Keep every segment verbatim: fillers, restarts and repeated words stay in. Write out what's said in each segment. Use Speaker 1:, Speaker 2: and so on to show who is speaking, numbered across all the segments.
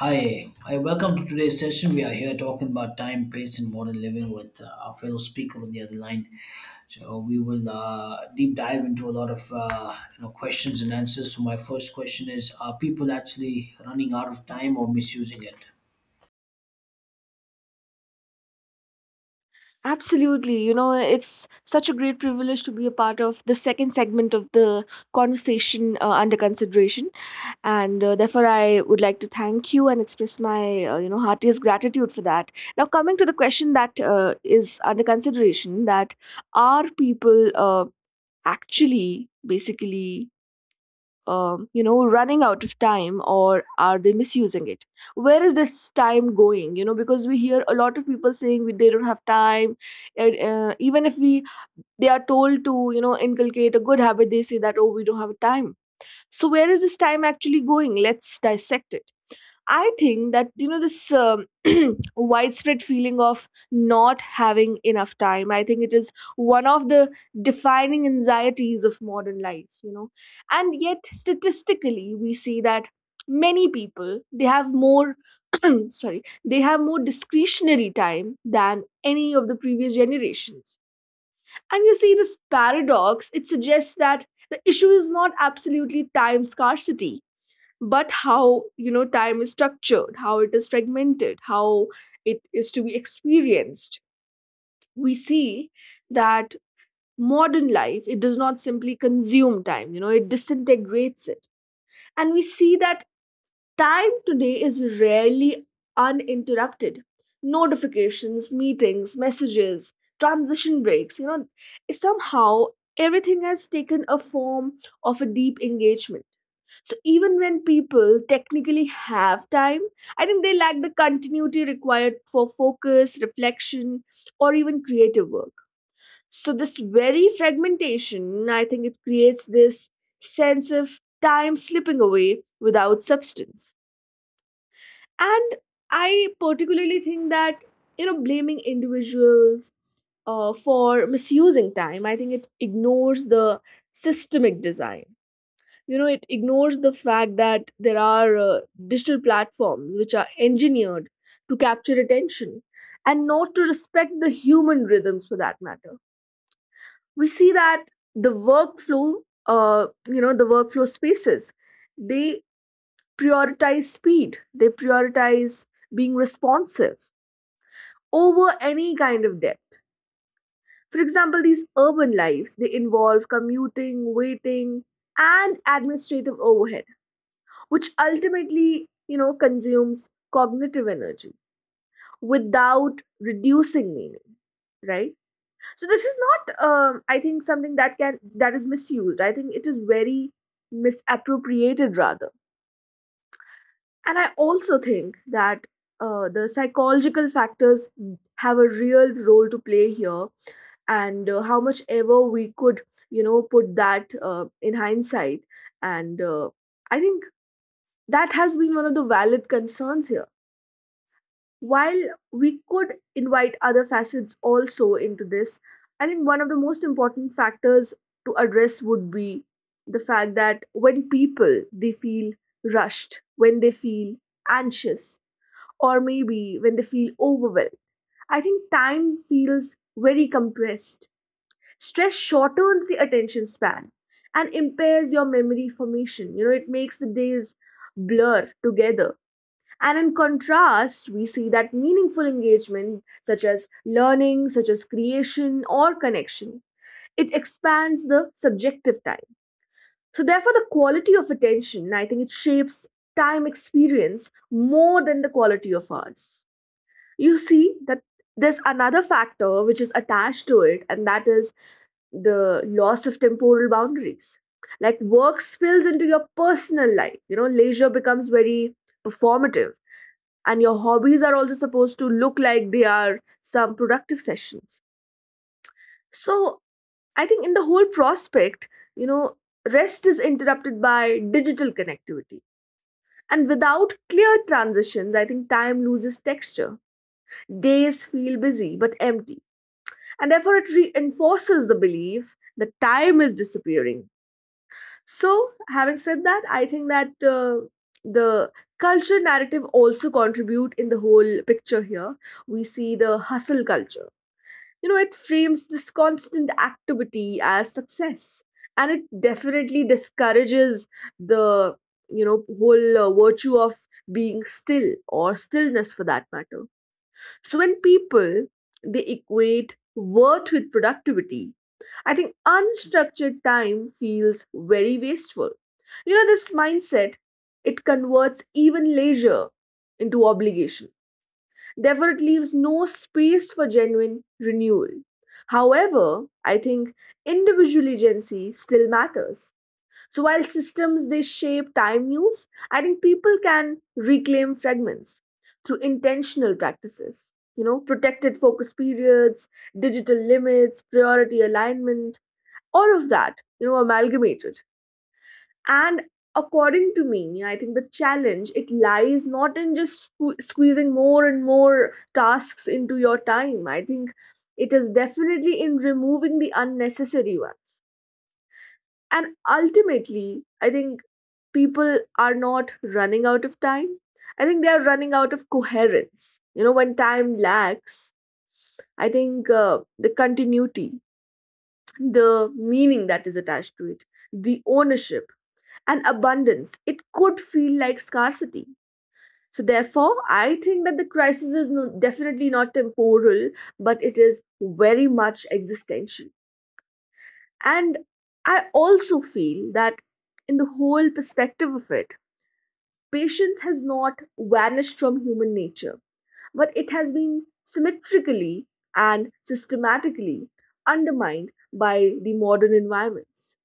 Speaker 1: Hi, hi, welcome to today's session. We are here talking about time, pace, and modern living with uh, our fellow speaker on the other line. So we will uh, deep dive into a lot of uh, you know questions and answers. So my first question is: Are people actually running out of time or misusing it?
Speaker 2: Absolutely. You know, it's such a great privilege to be a part of the second segment of the conversation uh, under consideration. And uh, Therefore, I would like to thank you and express my, uh, you know, heartiest gratitude for that. Now, coming to the question that uh, is under consideration, that are people uh, actually basically um, you know, running out of time or are they misusing it? Where is this time going, you know, because we hear a lot of people saying we, they don't have time. And uh, Even if we they are told to, you know, inculcate a good habit, they say that, oh, we don't have time. So where is this time actually going? Let's dissect it. I think that, you know, this um, widespread feeling of not having enough time, I think it is one of the defining anxieties of modern life. You know, and yet statistically we see that many people they have more sorry, they have more discretionary time than any of the previous generations. And you see this paradox. It suggests that the issue is not absolutely time scarcity, but how, you know, time is structured, how it is fragmented, how it is to be experienced. We see that modern life, it does not simply consume time, you know, it disintegrates it. And we see that time today is rarely uninterrupted. Notifications, meetings, messages, transition breaks, you know, somehow everything has taken a form of a deep engagement. So even when people technically have time, I think they lack the continuity required for focus, reflection, or even creative work. So this very fragmentation, I think it creates this sense of time slipping away without substance. And I particularly think that, you know, blaming individuals uh, for misusing time, I think it ignores the systemic design. You know, it ignores the fact that there are uh, digital platforms which are engineered to capture attention and not to respect the human rhythms, for that matter. We see that the workflow, uh, you know, the workflow spaces, they prioritize speed, they prioritize being responsive over any kind of depth. For example, these urban lives, they involve commuting, waiting, and administrative overhead, which ultimately, you know, consumes cognitive energy without reducing meaning, right? So this is not, um, I think, something that can that is misused. I think it is very misappropriated rather. And I also think that uh, the psychological factors have a real role to play here. And uh, How much ever we could, you know, put that uh, in hindsight, and uh, I think that has been one of the valid concerns here. While we could invite other facets also into this, I think one of the most important factors to address would be the fact that when people they feel rushed, when they feel anxious, or maybe when they feel overwhelmed, I think time feels very compressed. Stress shortens the attention span and impairs your memory formation. You know, it makes the days blur together. And in contrast, we see that meaningful engagement, such as learning, such as creation or connection, it expands the subjective time. So, therefore, the quality of attention, I think it shapes time experience more than the quality of ours. You see that there's another factor which is attached to it, and that is the loss of temporal boundaries, like work spills into your personal life, you know, leisure becomes very performative, and your hobbies are also supposed to look like they are some productive sessions. So I think in the whole prospect, you know, rest is interrupted by digital connectivity, and without clear transitions, I think time loses texture, days feel busy but empty. And therefore, it reinforces the belief that time is disappearing. So, having said that, I think that uh, the culture narrative also contribute in the whole picture here. We see the hustle culture. You know, it frames this constant activity as success, and it definitely discourages the, you know, whole uh, virtue of being still or stillness, for that matter. So when people they equate worth with productivity, I think unstructured time feels very wasteful. You know, this mindset, it converts even leisure into obligation. Therefore it leaves no space for genuine renewal. However, I think individual agency still matters. So while systems they shape time use, I think people can reclaim fragments through intentional practices. You know, protected focus periods, digital limits, priority alignment, all of that, you know, amalgamated. And according to me, I think the challenge it lies not in just sque- squeezing more and more tasks into your time. I think it is definitely in removing the unnecessary ones. And ultimately, I think people are not running out of time. I think they are running out of coherence. You know, when time lacks, I think uh, the continuity, the meaning that is attached to it, the ownership and abundance, it could feel like scarcity. So, therefore, I think that the crisis is no, definitely not temporal, but it is very much existential. And I also feel that in the whole perspective of it, patience has not vanished from human nature, but it has been symmetrically and systematically undermined by the modern environments.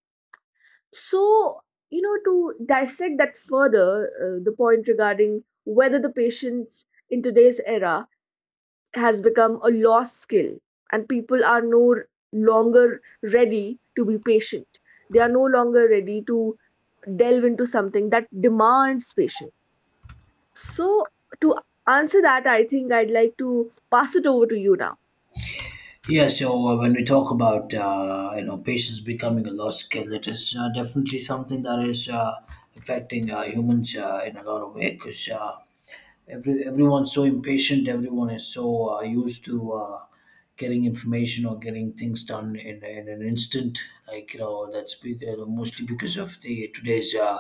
Speaker 2: So, you know, to dissect that further, uh, the point regarding whether the patience in today's era has become a lost skill, and people are no longer ready to be patient. They are no longer ready to delve into something that demands patience. So to answer that, I think I'd like to pass it over to you now.
Speaker 1: Yeah, so uh, when we talk about uh, you know patients becoming a lost skill, it is uh, definitely something that is uh, affecting uh, humans uh, in a lot of ways. Because uh, Every, everyone's so impatient. Everyone is so uh, used to uh, getting information or getting things done in, in an instant. Like you know, that's be- uh, mostly because of the today's uh,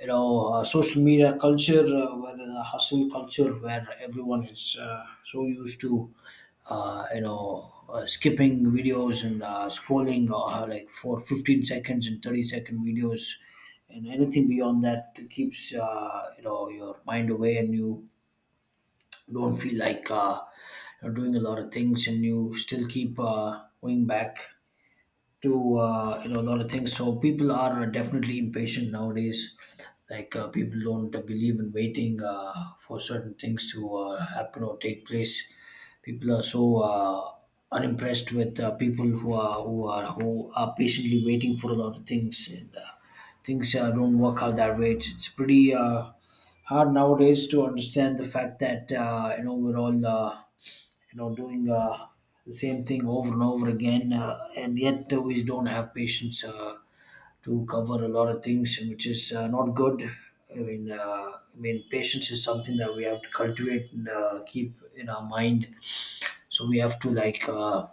Speaker 1: you know uh, social media culture, uh, where the hustle culture, where everyone is uh, so used to uh, you know, uh, skipping videos and uh, scrolling uh, like for fifteen seconds and thirty second videos and anything beyond that keeps uh, you know your mind away and you don't feel like uh, you're doing a lot of things and you still keep uh, going back to uh, you know a lot of things. So people are definitely impatient nowadays. Like uh, people don't believe in waiting uh, for certain things to uh, happen or take place. People are so uh, unimpressed with uh, people who are who are who are patiently waiting for a lot of things, and uh, things uh, don't work out that way. It's, it's pretty uh, hard nowadays to understand the fact that uh, you know we're all. Uh, you know doing uh, the same thing over and over again uh, and yet uh, we don't have patience uh, to cover a lot of things and which is uh, not good. i mean uh, I mean patience is something that we have to cultivate and uh, keep in our mind. So we have to like uh,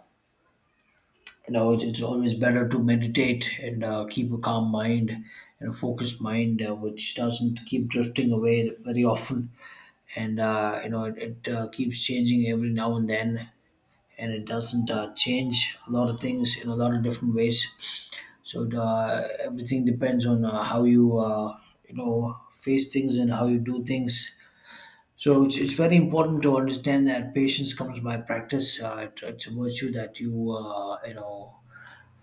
Speaker 1: you know it's, it's always better to meditate and uh, keep a calm mind and a focused mind uh, which doesn't keep drifting away very often. And uh, you know it, it uh, keeps changing every now and then, and it doesn't uh, change a lot of things in a lot of different ways. So it, uh, everything depends on uh, how you uh, you know face things and how you do things. So it's, it's very important to understand that patience comes by practice. Uh, it, it's a virtue that you uh, you know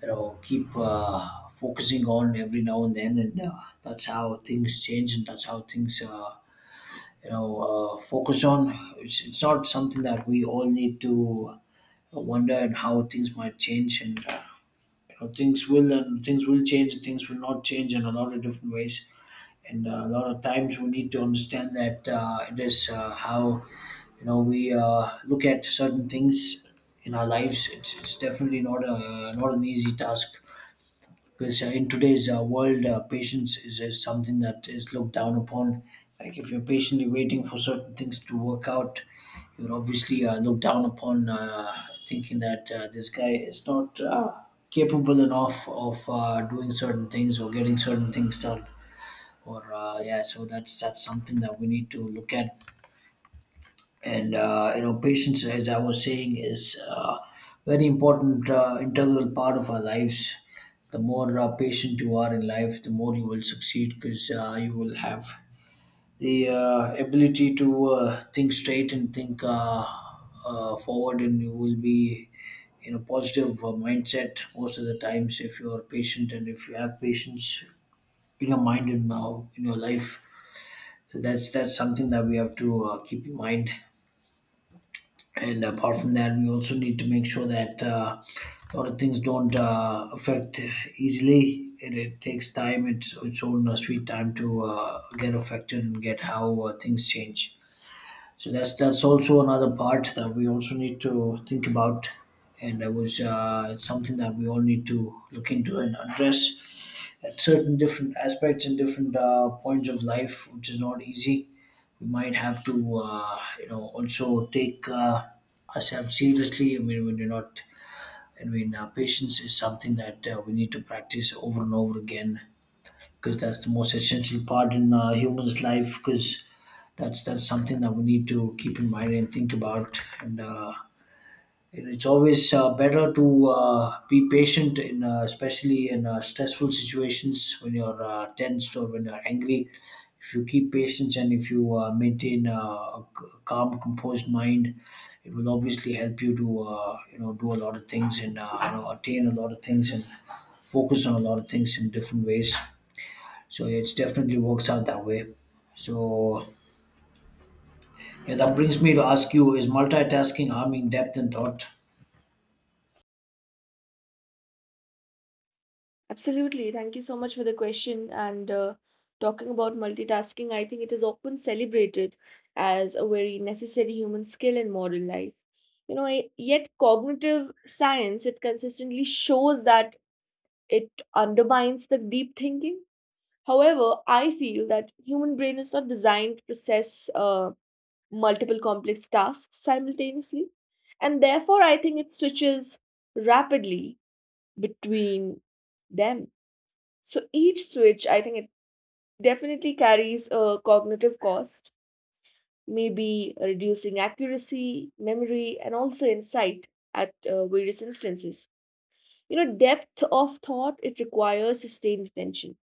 Speaker 1: you know keep uh, focusing on every now and then, and uh, that's how things change, and that's how things uh, you know uh, focus on. It's, it's not something that we all need to wonder and how things might change, and uh, you know things will, and things will change, things will not change in a lot of different ways. And uh, a lot of times we need to understand that uh, it is uh, how you know we uh, look at certain things in our lives. It's, it's definitely not a not an easy task, because uh, in today's uh, world, uh, patience is, is something that is looked down upon. Like if you're patiently waiting for certain things to work out, you're obviously uh, looked down upon, uh, thinking that uh, this guy is not uh, capable enough of uh, doing certain things or getting certain things done or uh, yeah, so that's that's something that we need to look at. And uh, you know patience, as I was saying, is uh, very important, uh, integral part of our lives. The more uh, patient you are in life, the more you will succeed, because uh, you will have the uh, ability to uh, think straight and think uh, uh, forward, and you will be in a positive uh, mindset most of the times if you are patient and if you have patience in your mind and now in your life. So that's that's something that we have to uh, keep in mind. And apart from that, we also need to make sure that uh, a lot of things don't uh, affect easily. It, it takes time. It's its own uh, sweet time to uh, get affected and get how uh, things change. So that's that's also another part that we also need to think about, and that was uh, it's something that we all need to look into and address at certain different aspects and different uh, points of life, which is not easy. We might have to, uh, you know, also take uh, ourselves seriously. I mean, when you're not, I mean, uh, patience is something that uh, we need to practice over and over again, because that's the most essential part in uh, human's life, because that's that's something that we need to keep in mind and think about and. Uh, and it's always uh, better to uh, be patient, in uh, especially in uh, stressful situations when you're uh, tensed or when you're angry. If you keep patience and if you uh, maintain uh, a c- calm, composed mind, it will obviously help you to uh, you know do a lot of things and uh, you know attain a lot of things and focus on a lot of things in different ways. So yeah, it's definitely works out that way. So yeah, that brings me to ask you: Is multitasking harming depth and thought?
Speaker 2: Absolutely. Thank you so much for the question. And uh, Talking about multitasking, I think it is often celebrated as a very necessary human skill in modern life. You know, y- yet cognitive science, it consistently shows that it undermines the deep thinking. However, I feel that human brain is not designed to process uh, multiple complex tasks simultaneously. And therefore, I think it switches rapidly between them. So each switch, I think it definitely carries a cognitive cost, maybe reducing accuracy, memory, and also insight at uh, various instances. You know, depth of thought, it requires sustained attention.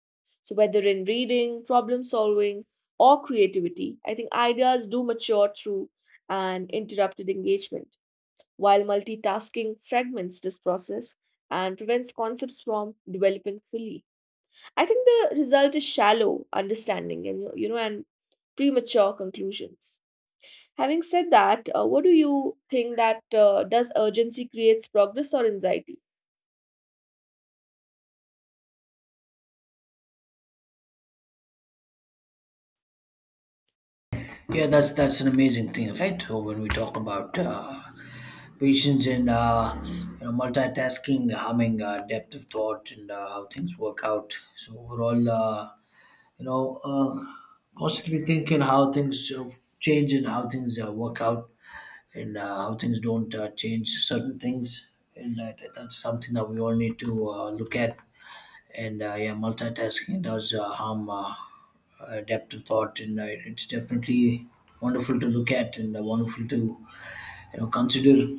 Speaker 2: So whether in reading, problem solving, or creativity, I think ideas do mature through an interrupted engagement, while multitasking fragments this process and prevents concepts from developing fully. I think the result is shallow understanding and, you know, and premature conclusions. Having said that, uh, what do you think that, uh, does urgency creates progress or anxiety?
Speaker 1: Yeah, that's that's an amazing thing, right? So when we talk about uh, patience and uh, you know, multitasking, having uh, depth of thought, and uh, how things work out. So overall, uh, you know, uh, constantly thinking how things uh, change and how things uh, work out, and uh, how things don't uh, change certain things, and that, that's something that we all need to uh, look at. And uh, yeah, multitasking does uh, harm uh, adaptive thought, and uh, it's definitely wonderful to look at and uh, wonderful to you know consider.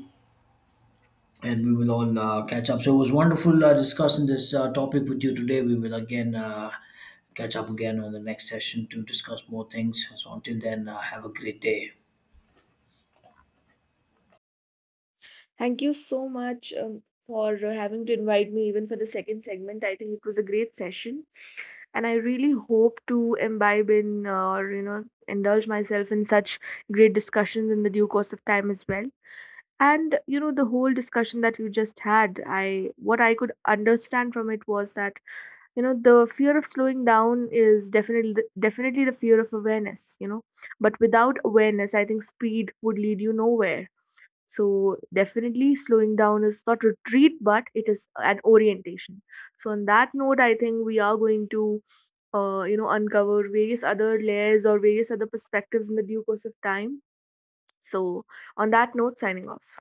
Speaker 1: And we will all uh, catch up. So it was wonderful uh, discussing this uh, topic with you today. We will again uh, catch up again on the next session to discuss more things. So until then, uh, have a great day.
Speaker 2: Thank you so much um, for uh, having to invite me even for the second segment. I think it was a great session, and I really hope to imbibe in uh, or, you know, indulge myself in such great discussions in the due course of time as well. And you know the whole discussion that you just had, I what I could understand from it was that, you know, the fear of slowing down is definitely the, definitely the fear of awareness, you know, but without awareness, I think speed would lead you nowhere. So definitely slowing down is not retreat, but it is an orientation. So on that note, I think we are going to uh, you know, uncover various other layers or various other perspectives in the due course of time. So on that note, signing off.